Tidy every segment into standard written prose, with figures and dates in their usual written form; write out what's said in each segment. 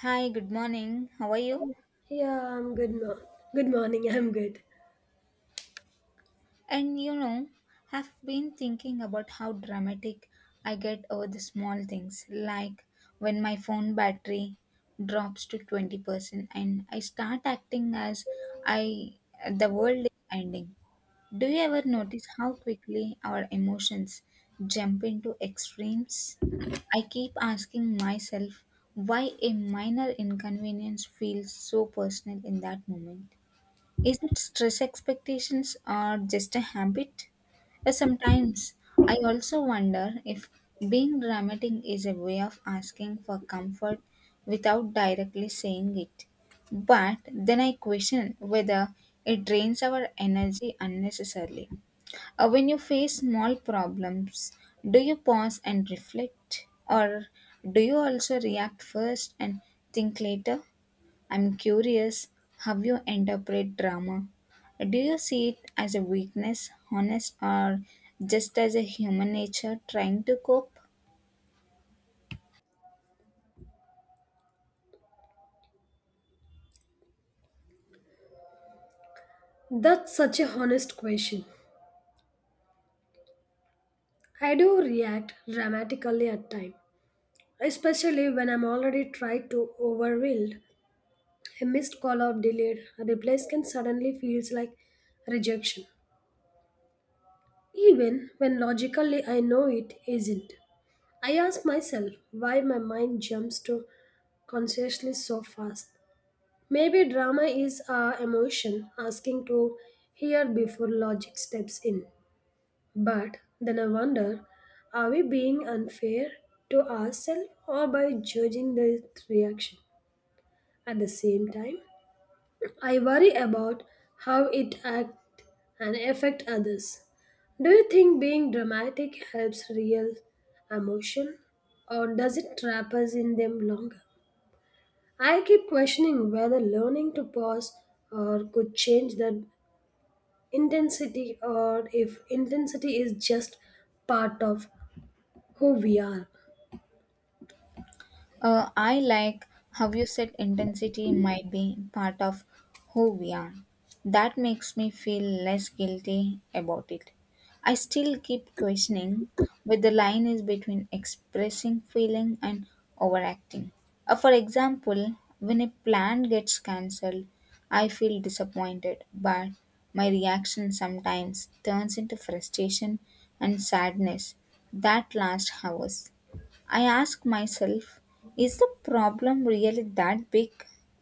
Hi, good morning. How are you? Yeah, I'm good. Good morning. I'm good. And you know, I've been thinking about how dramatic I get over the small things, like when my phone battery drops to 20% and I start acting as I the world is ending. Do you ever notice how quickly our emotions jump into extremes? I keep asking myself why a minor inconvenience feels so personal in that moment. Is it stress expectations or just a habit? Sometimes I also wonder if being dramatic is a way of asking for comfort without directly saying it. But then I question whether it drains our energy unnecessarily. When you face small problems, do you pause and reflect, or do you also react first and think later? I'm curious how you interpret drama. Do you see it as a weakness, honest, or just as a human nature trying to cope? That's such a honest question. I do react dramatically at times, especially when I'm already tried to overwhelmed. A missed call or delayed replies can suddenly feels like rejection, even when logically I know it isn't. I ask myself why my mind jumps to consciously so fast. Maybe drama is our emotion asking to hear before logic steps in. But then I wonder are we being unfair to ourselves or by judging the reaction? At the same time, I worry about how it act and affect others. Do you think being dramatic helps real emotion or does it trap us in them longer? I keep questioning whether learning to pause or could change the intensity or if intensity is just part of who we are. I like how you said intensity might be part of who we are. That makes me feel less guilty about it. I still keep questioning where the line is between expressing feeling and overacting. For example, when a plan gets cancelled, I feel disappointed, but my reaction sometimes turns into frustration and sadness that lasts hours. I ask myself, is the problem really that big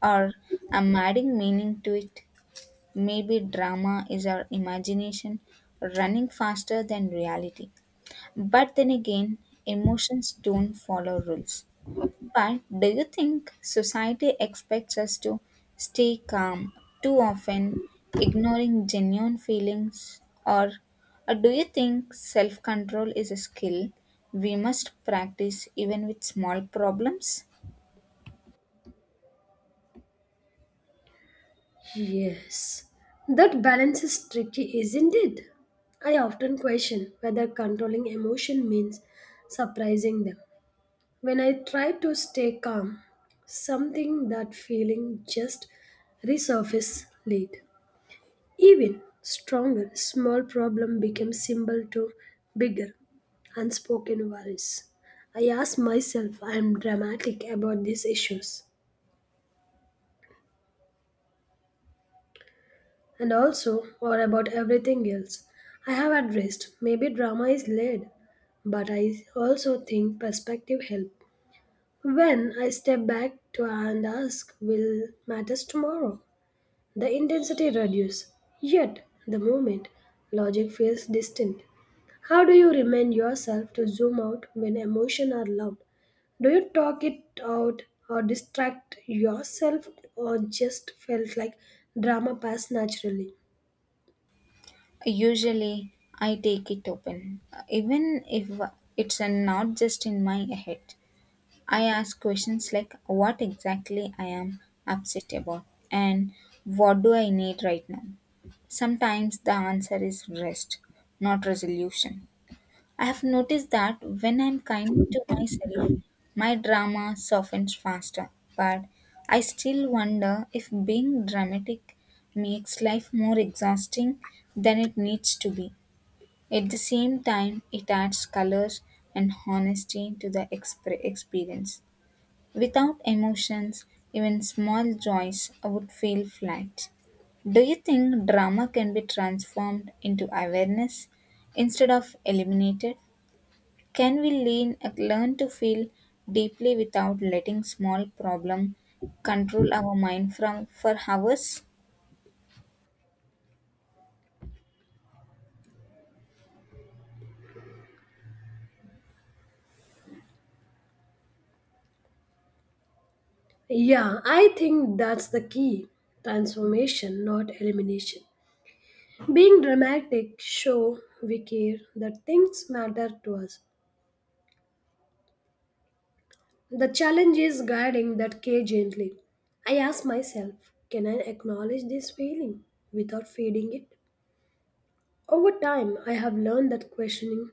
or am I adding meaning to it? Maybe drama is our imagination running faster than reality. But then again, emotions don't follow rules. But do you think society expects us to stay calm too often, ignoring genuine feelings? Or do you think self control is a skill we must practice even with small problems? Yes, that balance is tricky, isn't it? I often question whether controlling emotion means surprising them. When I try to stay calm, something that feeling just resurface late. Even stronger, small problem became symbol to bigger, unspoken worries. I ask myself, I am dramatic about these issues. And also, or about everything else I have addressed. Maybe drama is laid, but I also think perspective help. When I step back to and ask, will matters tomorrow? The intensity reduces, yet the moment logic feels distant. How do you remind yourself to zoom out when emotions are loud? Do you talk it out or distract yourself or just felt like drama pass naturally? Usually, I take it open, even if it's not just in my head. I ask questions like what exactly I am upset about and what do I need right now. Sometimes the answer is rest, not resolution. I have noticed that when I'm kind to myself, my drama softens faster, but I still wonder if being dramatic makes life more exhausting than it needs to be. At the same time, it adds color and honesty to the experience. Without emotions, even small joys would feel flat. Do you think drama can be transformed into awareness instead of eliminated? Can we learn to feel deeply without letting small problem control our mind from for hours? Yeah, I think that's the key transformation, not elimination. Being dramatic, show we care that things matter to us. The challenge is guiding that care gently. I ask myself, can I acknowledge this feeling without feeding it? Over time, I have learned that questioning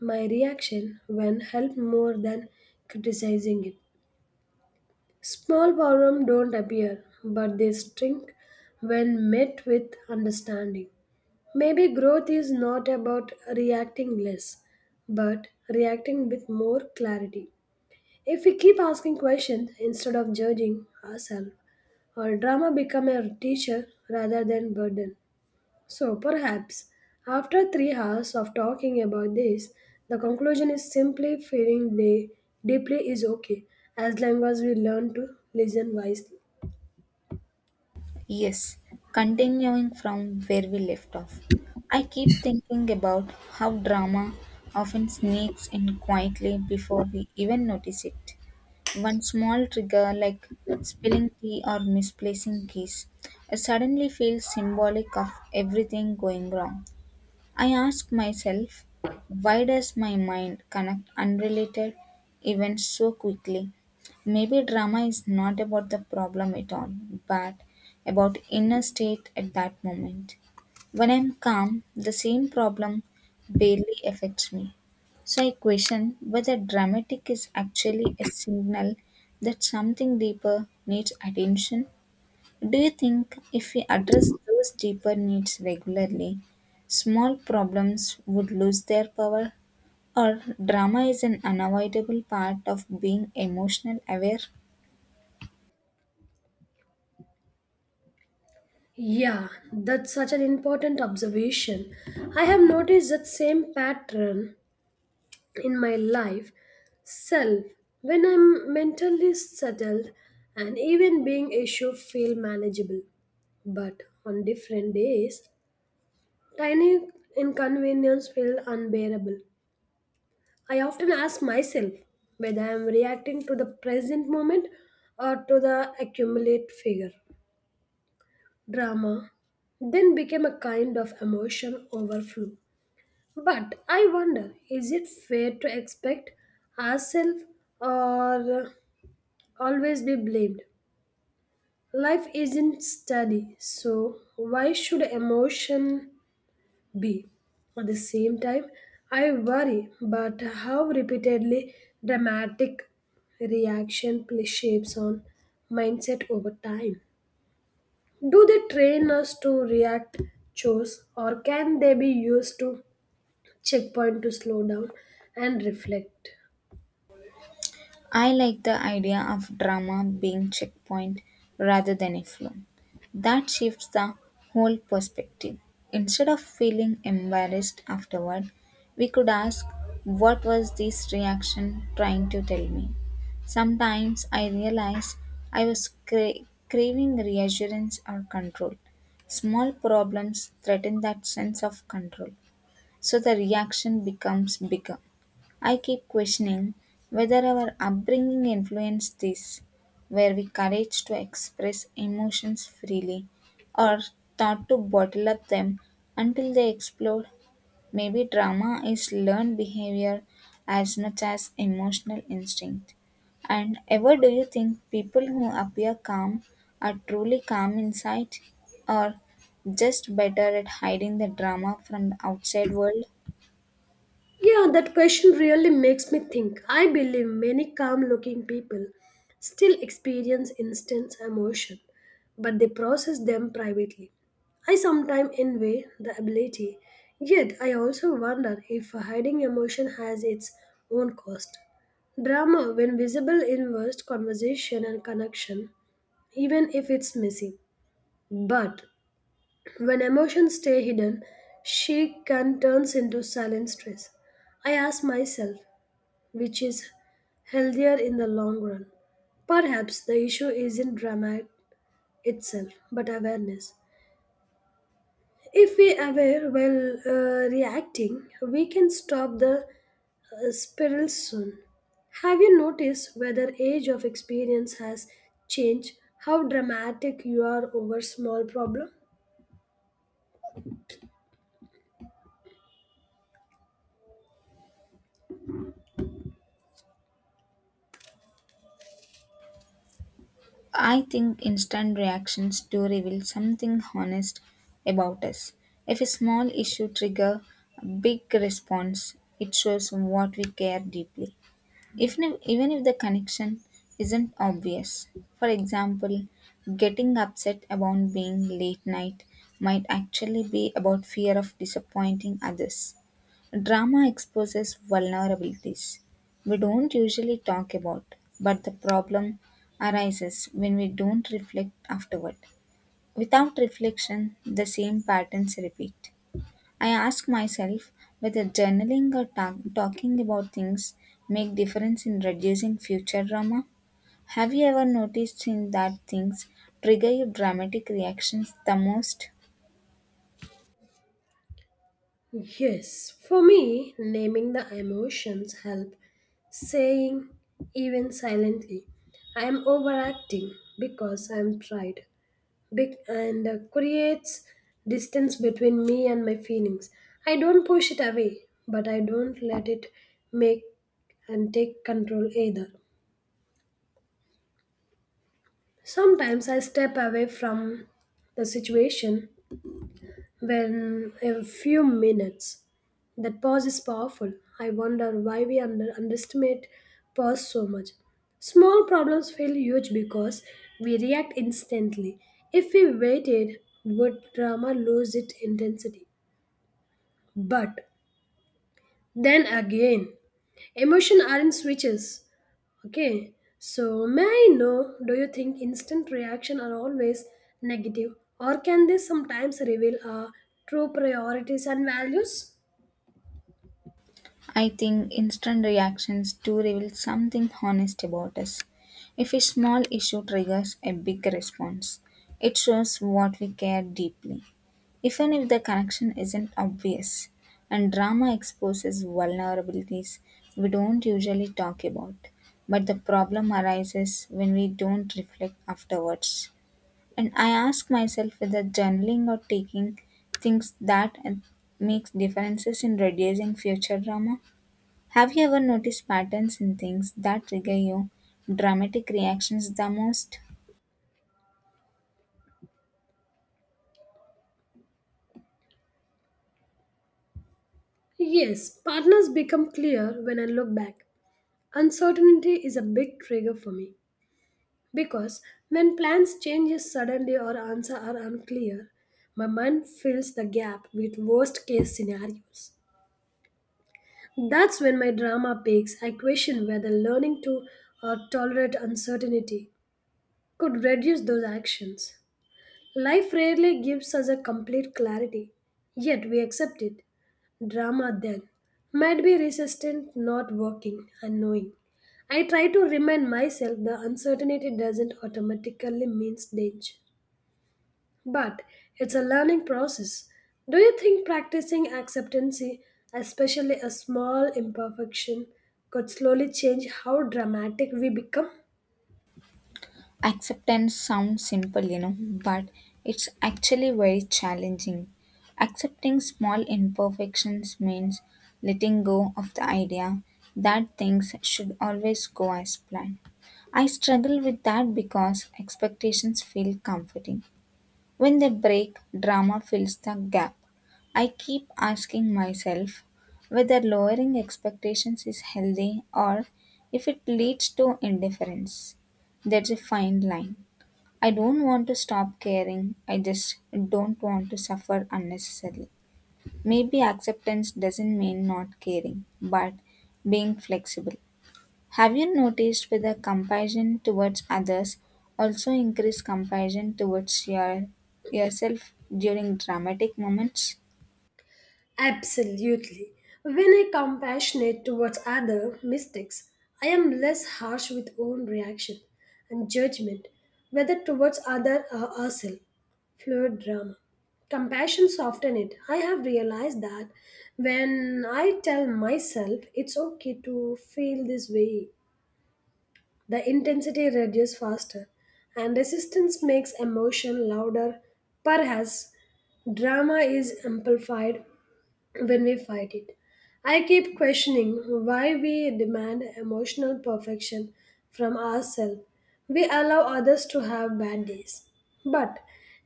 my reaction when helped more than criticizing it. Small problems don't appear, but they shrink when met with understanding. Maybe growth is not about reacting less, but reacting with more clarity. If we keep asking questions instead of judging ourselves, our drama become a teacher rather than burden. So perhaps after 3 hours of talking about this, the conclusion is simply feeling deeply is okay as long as we learn to listen wisely. Yes, continuing from where we left off, I keep thinking about how drama often sneaks in quietly before we even notice it. One small trigger like spilling tea or misplacing keys suddenly feels symbolic of everything going wrong. I ask myself, why does my mind connect unrelated events so quickly? Maybe drama is not about the problem at all, but about inner state at that moment. When I'm calm, the same problem barely affects me. So I question whether dramatic is actually a signal that something deeper needs attention. Do you think if we address those deeper needs regularly, small problems would lose their power? Or drama is an unavoidable part of being emotional aware? Yeah, that's such an important observation. I have noticed that same pattern in my life self when I'm mentally settled and even being issue feel manageable. But on different days, tiny inconvenience feel unbearable. I often ask myself whether I am reacting to the present moment or to the accumulate figure. Drama then became a kind of emotion overflow. But I wonder is it fair to expect ourselves or always be blamed? Life isn't steady, so why should emotion be? At the same time, I worry about how repeatedly dramatic reaction play shapes on mindset over time. Do they train us to react chores or can they be used to checkpoint to slow down and reflect? I like the idea of drama being checkpoint rather than a flaw. That shifts the whole perspective. Instead of feeling embarrassed afterward, we could ask, what was this reaction trying to tell me? Sometimes I realized I was craving reassurance or control. Small problems threaten that sense of control. So the reaction becomes bigger. I keep questioning whether our upbringing influenced this. Were we encouraged to express emotions freely or taught to bottle up them until they explode? Maybe drama is learned behavior as much as emotional instinct. And ever do you think people who appear calm are truly calm inside or just better at hiding the drama from the outside world? Yeah, that question really makes me think. I believe many calm looking people still experience intense emotion, but they process them privately. I sometimes envy the ability, yet I also wonder if hiding emotion has its own cost. Drama, when visible, inverse conversation and connection even if it's messy. But when emotions stay hidden, she can turns into silent stress. I ask myself, which is healthier in the long run? Perhaps the issue isn't drama itself, but awareness. If we aware while reacting, we can stop the spiral soon. Have you noticed whether age of experience has changed how dramatic you are over small problem? I think instant reactions do reveal something honest about us. If a small issue trigger a big response, it shows what we care deeply. If even if the connection isn't obvious. For example, getting upset about being late night might actually be about fear of disappointing others. Drama exposes vulnerabilities we don't usually talk about, but the problem arises when we don't reflect afterward. Without reflection, the same patterns repeat. I ask myself whether journaling or talking about things make difference in reducing future drama. Have you ever noticed in that things trigger your dramatic reactions the most? Yes, for me, naming the emotions help saying even silently I am overacting because I am tried Big and creates distance between me and my feelings. I don't push it away, but I don't let it make and take control either. Sometimes I step away from the situation when a few minutes. That pause is powerful. I wonder why we underestimate pause so much. Small problems feel huge because we react instantly. If we waited, would drama lose its intensity? But then again, emotion aren't switches. Okay, so may I know do you think instant reaction are always negative or can they sometimes reveal our true priorities and values? I think instant reactions do reveal something honest about us. If a small issue triggers a big response, it shows what we care deeply, even if the connection isn't obvious. And drama exposes vulnerabilities we don't usually talk about. But the problem arises when we don't reflect afterwards. And I ask myself whether journaling or taking things that makes differences in reducing future drama. Have you ever noticed patterns in things that trigger your dramatic reactions the most? Yes, partners become clear when I look back. Uncertainty is a big trigger for me because when plans change suddenly or answers are unclear, my mind fills the gap with worst case scenarios. That's when my drama peaks. I question whether learning to tolerate uncertainty could reduce those actions. Life rarely gives us a complete clarity, yet we accept it. Drama then might be resistant, not working, unknowing. I try to remind myself the uncertainty doesn't automatically means danger, but it's a learning process. Do you think practicing acceptance, especially a small imperfection, could slowly change how dramatic we become? Acceptance sounds simple, you know, but it's actually very challenging. Accepting small imperfections means letting go of the idea that things should always go as planned. I struggle with that because expectations feel comforting. When they break, drama fills the gap. I keep asking myself whether lowering expectations is healthy or if it leads to indifference. That's a fine line. I don't want to stop caring, I just don't want to suffer unnecessarily. Maybe acceptance doesn't mean not caring, but being flexible. Have you noticed whether compassion towards others also increase compassion towards your yourself during dramatic moments? Absolutely. When I compassionate towards other mistakes, I am less harsh with own reaction and judgment, whether towards other or ourselves. Fluid drama. Compassion soften it. I have realized that when I tell myself it's okay to feel this way, the intensity reduces faster and resistance makes emotion louder. Perhaps drama is amplified when we fight it. I keep questioning why we demand emotional perfection from ourselves. We allow others to have bad days, but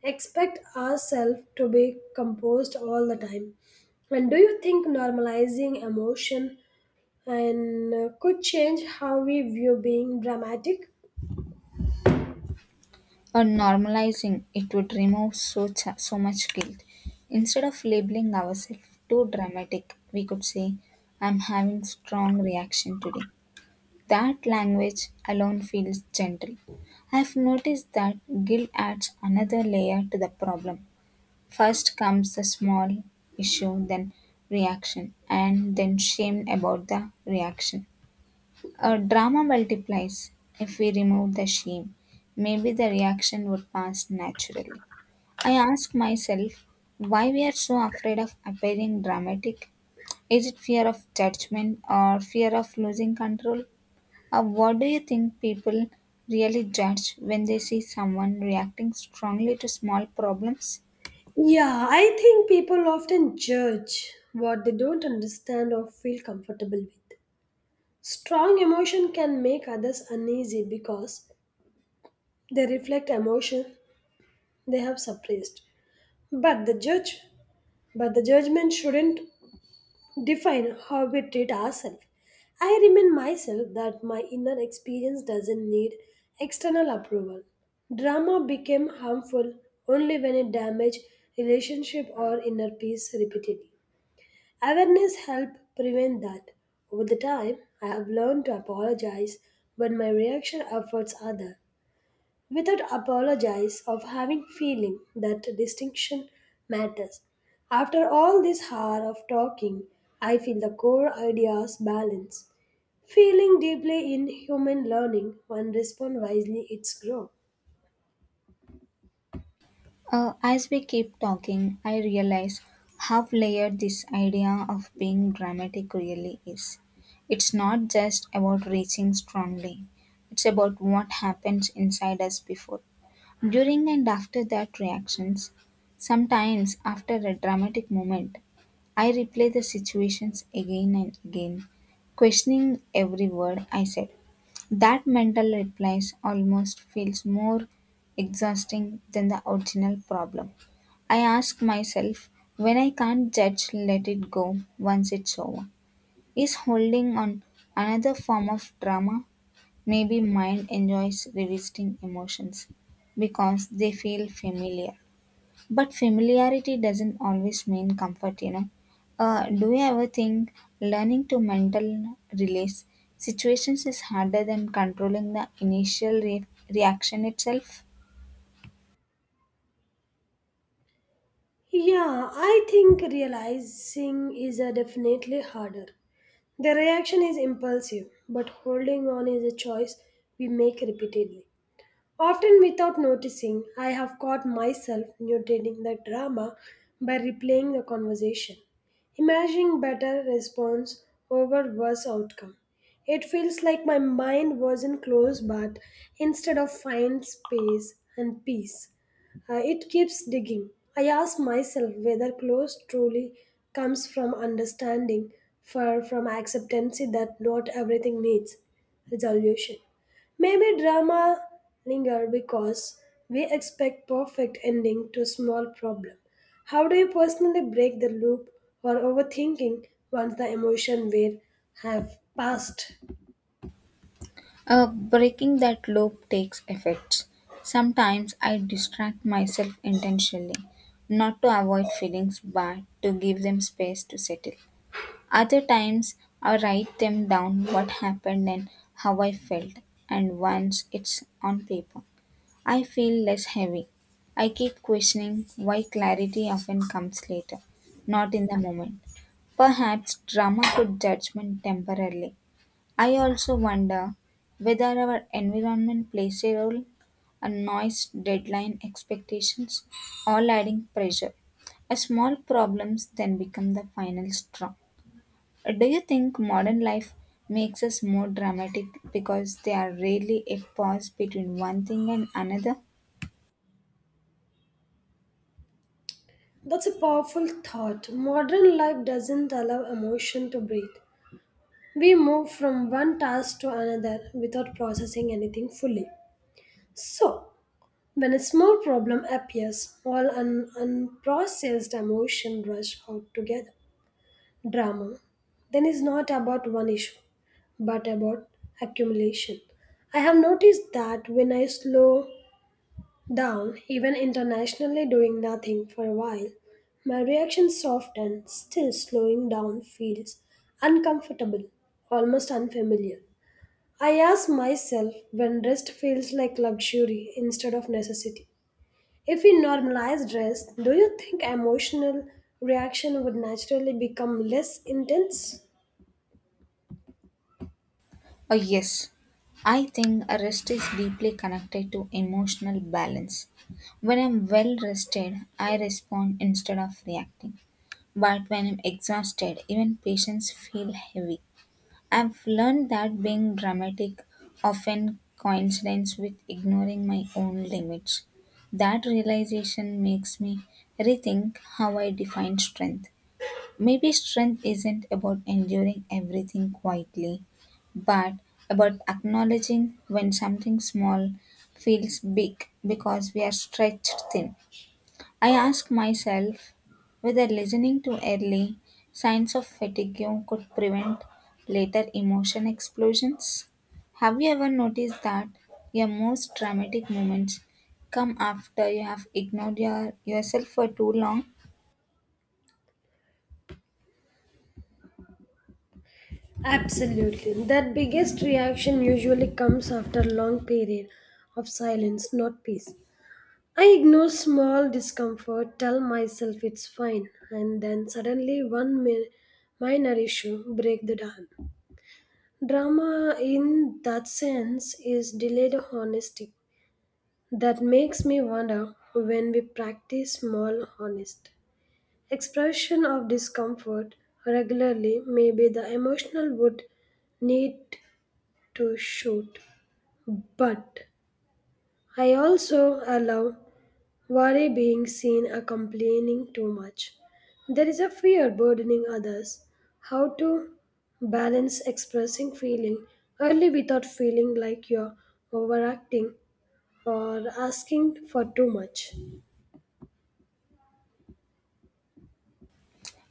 expect ourselves to be composed all the time. And do you think normalizing emotion and could change how we view being dramatic? Or normalizing it would remove so much guilt. Instead of labeling ourselves too dramatic, we could say, I'm having strong reaction today. That language alone feels gentle. I've noticed that guilt adds another layer to the problem. First comes the small issue, then reaction, and then shame about the reaction. Our drama multiplies if we remove the shame. Maybe the reaction would pass naturally. I ask myself why we are so afraid of appearing dramatic. Is it fear of judgment or fear of losing control? Or what do you think people really judge when they see someone reacting strongly to small problems? Yeah, I think people often judge what they don't understand or feel comfortable with. Strong emotion can make others uneasy because they reflect emotion they have suppressed. But the judge but the judgment shouldn't define how we treat ourselves. I remind myself that my inner experience doesn't need external approval. Drama became harmful only when it damaged relationship or inner peace repeatedly. Awareness helped prevent that. Over the time, I have learned to apologize when my reaction efforts other. Without apologize of having feeling that distinction matters. After all this hour of talking, I feel the core ideas balance. Feeling deeply in human learning, one respond wisely its growth. As we keep talking, I realize how layered this idea of being dramatic really is. It's not just about reaching strongly, it's about what happens inside us before, during, and after that reactions. Sometimes, after a dramatic moment, I replay the situations again and again, questioning every word I said. That mental replies almost feels more exhausting than the original problem. I ask myself, when I can't judge, let it go once it's over. Is holding on another form of drama? Maybe mind enjoys revisiting emotions because they feel familiar. But familiarity doesn't always mean comfort, you know. Do you ever think learning to mental release situations is harder than controlling the initial reaction itself? Yeah, I think realizing is definitely harder. The reaction is impulsive, but holding on is a choice we make repeatedly. Often without noticing, I have caught myself mutating the drama by replaying the conversation, imagining better response over worse outcome. It feels like my mind wasn't closed but instead of find space and peace. It keeps digging. I ask myself whether close truly comes from understanding, far from acceptance that not everything needs resolution. Maybe drama linger because we expect perfect ending to small problem. How do you personally break the loop or overthinking once the emotion wave have passed? Breaking that loop takes effort. Sometimes I distract myself intentionally, not to avoid feelings but to give them space to settle. Other times I write them down what happened and how I felt, and once it's on paper, I feel less heavy. I keep questioning why clarity often comes later, not in the moment. Perhaps drama could judgment temporarily, I also wonder whether our environment plays a role, and noise, deadline, expectations, all adding pressure. A small problems then become the final straw. Do you think modern life makes us more dramatic because there are rarely a pause between one thing and another? That's a powerful thought. Modern life doesn't allow emotion to breathe. We move from one task to another without processing anything fully. So, when a small problem appears, all unprocessed emotion rush out together. Drama then is not about one issue but about accumulation. I have noticed that when I slow down, even internationally doing nothing for a while, my reaction softens, still slowing down feels uncomfortable, almost unfamiliar. I ask myself when rest feels like luxury instead of necessity. If we normalize rest, do you think emotional reaction would naturally become less intense? Oh, yes. I think a rest is deeply connected to emotional balance. When I'm well rested, I respond instead of reacting. But when I'm exhausted, even patients feel heavy. I've learned that being dramatic often coincides with ignoring my own limits. That realization makes me rethink how I define strength. Maybe strength isn't about enduring everything quietly, but about acknowledging when something small feels big because we are stretched thin. I ask myself whether listening too early, signs of fatigue could prevent later emotion explosions. Have you ever noticed that your most dramatic moments come after you have ignored yourself for too long? Absolutely. That biggest reaction usually comes after a long period of silence, not peace. I ignore small discomfort, tell myself it's fine, and then suddenly one minor issue break the dam. Drama in that sense is delayed honesty. That makes me wonder when we practice small honest expression of discomfort regularly maybe the emotional would need to shoot. But I also allow worry being seen a complaining too much. There is a fear burdening others. How to balance expressing feeling early without feeling like you're overacting or asking for too much.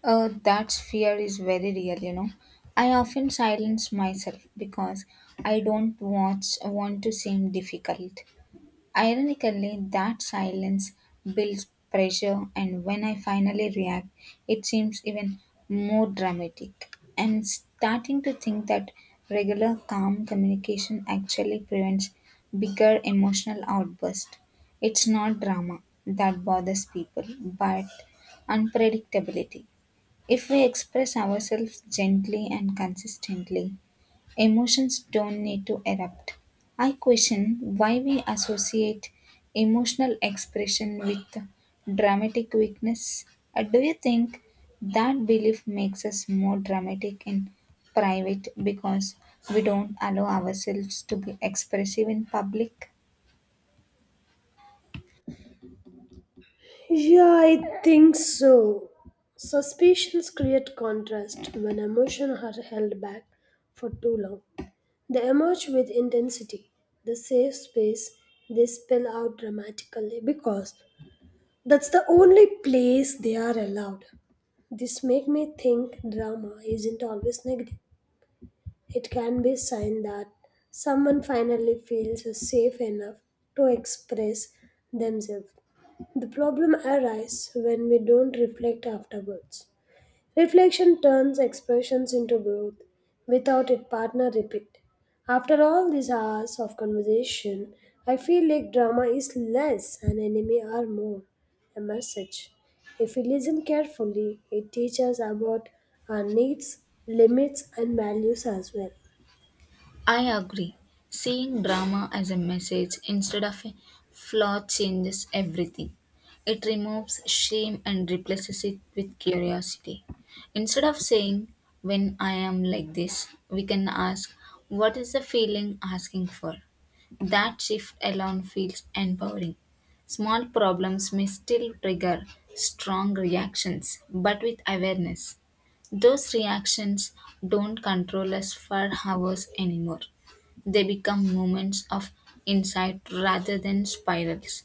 That fear is very real, you know. I often silence myself because I don't want to seem difficult. Ironically, that silence builds pressure, and when I finally react, it seems even more dramatic. I'm starting to think that regular calm communication actually prevents bigger emotional outbursts. It's not drama that bothers people, but unpredictability. If we express ourselves gently and consistently, emotions don't need to erupt. I question why we associate emotional expression with dramatic weakness. Do you think that belief makes us more dramatic in private because we don't allow ourselves to be expressive in public? Yeah, I think so. Suspicions create contrast when emotions are held back for too long. They emerge with intensity, the safe space they spill out dramatically because that's the only place they are allowed. This make me think drama isn't always negative. It can be a sign that someone finally feels safe enough to express themselves. The problem arises when we don't reflect afterwards. Reflection turns expressions into growth. Without it, partner repeat. After all these hours of conversation, I feel like drama is less and enemy are more. A message. If we listen carefully, it teaches us about our needs, limits, and values as well. I agree. Seeing drama as a message instead of a flaw changes everything. It removes shame and replaces it with curiosity. Instead of saying, when I am like this, we can ask, what is the feeling asking for? That shift alone feels empowering. Small problems may still trigger strong reactions, but with awareness. Those reactions don't control us for hours anymore. They become moments of insight rather than spirals.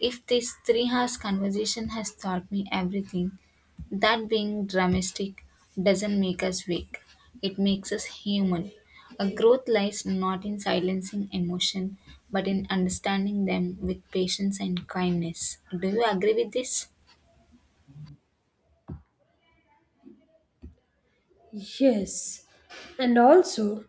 If this 3 hours conversation has taught me everything, that being dramatic doesn't make us weak. It makes us human. A growth lies not in silencing emotion, but in understanding them with patience and kindness. Do you agree with this? Yes, and also,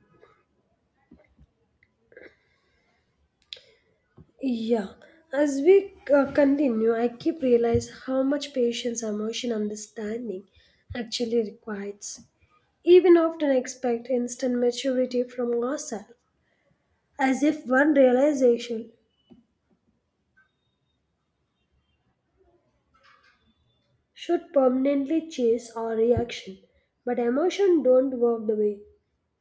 yeah, as we continue, I keep realize how much patience, emotion, understanding actually requires. Even often expect instant maturity from ourselves, as if one realization should permanently chase our reaction. But emotion don't work the way.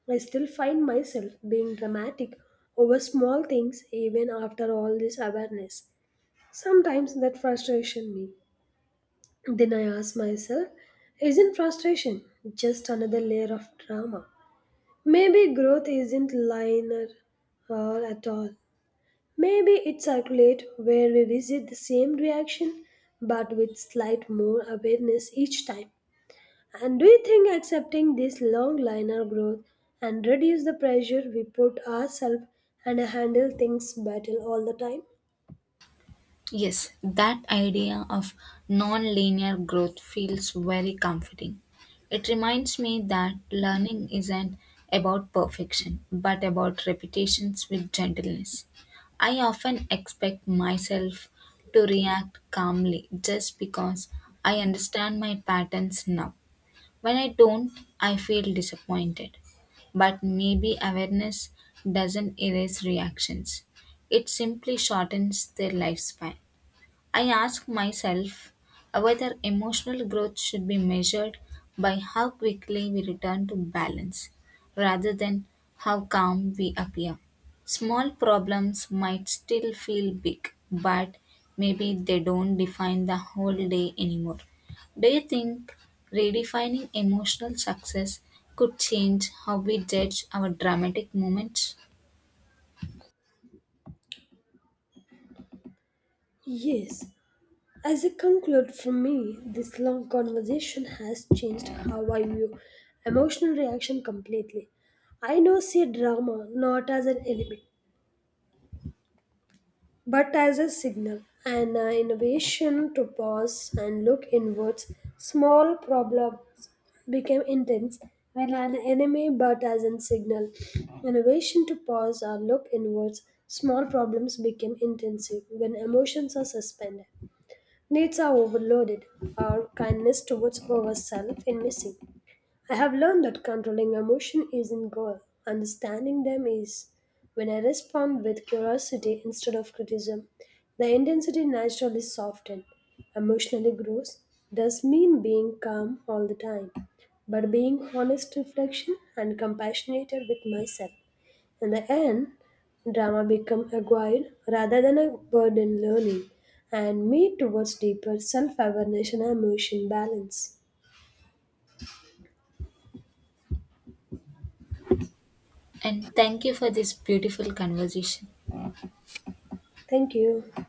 I still find myself being dramatic over small things even after all this awareness. Sometimes that frustration me. Then I ask myself, isn't frustration just another layer of drama? Maybe growth isn't linear at all. Maybe it circulate where we visit the same reaction but with slight more awareness each time. And do you think accepting this long linear growth and reduce the pressure we put ourselves and handle things better all the time? Yes, that idea of non-linear growth feels very comforting. It reminds me that learning isn't about perfection, but about repetitions with gentleness. I often expect myself to react calmly just because I understand my patterns now. When I don't, I feel disappointed. But maybe awareness doesn't erase reactions. It simply shortens their lifespan. I ask myself whether emotional growth should be measured by how quickly we return to balance rather than how calm we appear. Small problems might still feel big, but maybe they don't define the whole day anymore. Do you think redefining emotional success could change how we judge our dramatic moments? Yes. As a conclude for me, this long conversation has changed how I view emotional reaction completely. I now see drama not as an enemy but as a signal, an innovation to pause and look inwards. Small problems became intense when an enemy, but as a signal, innovation to pause or look inwards. Small problems became intensive when emotions are suspended, needs are overloaded, or kindness towards ourselves is missing. I have learned that controlling emotion isn't goal. Understanding them is. When I respond with curiosity instead of criticism, the intensity naturally softens. Emotionally grows does mean being calm all the time, but being honest reflection and compassionate with myself. In the end, drama become a guide rather than a burden learning and me towards deeper self-awareness and emotion balance. And thank you for this beautiful conversation. Thank you.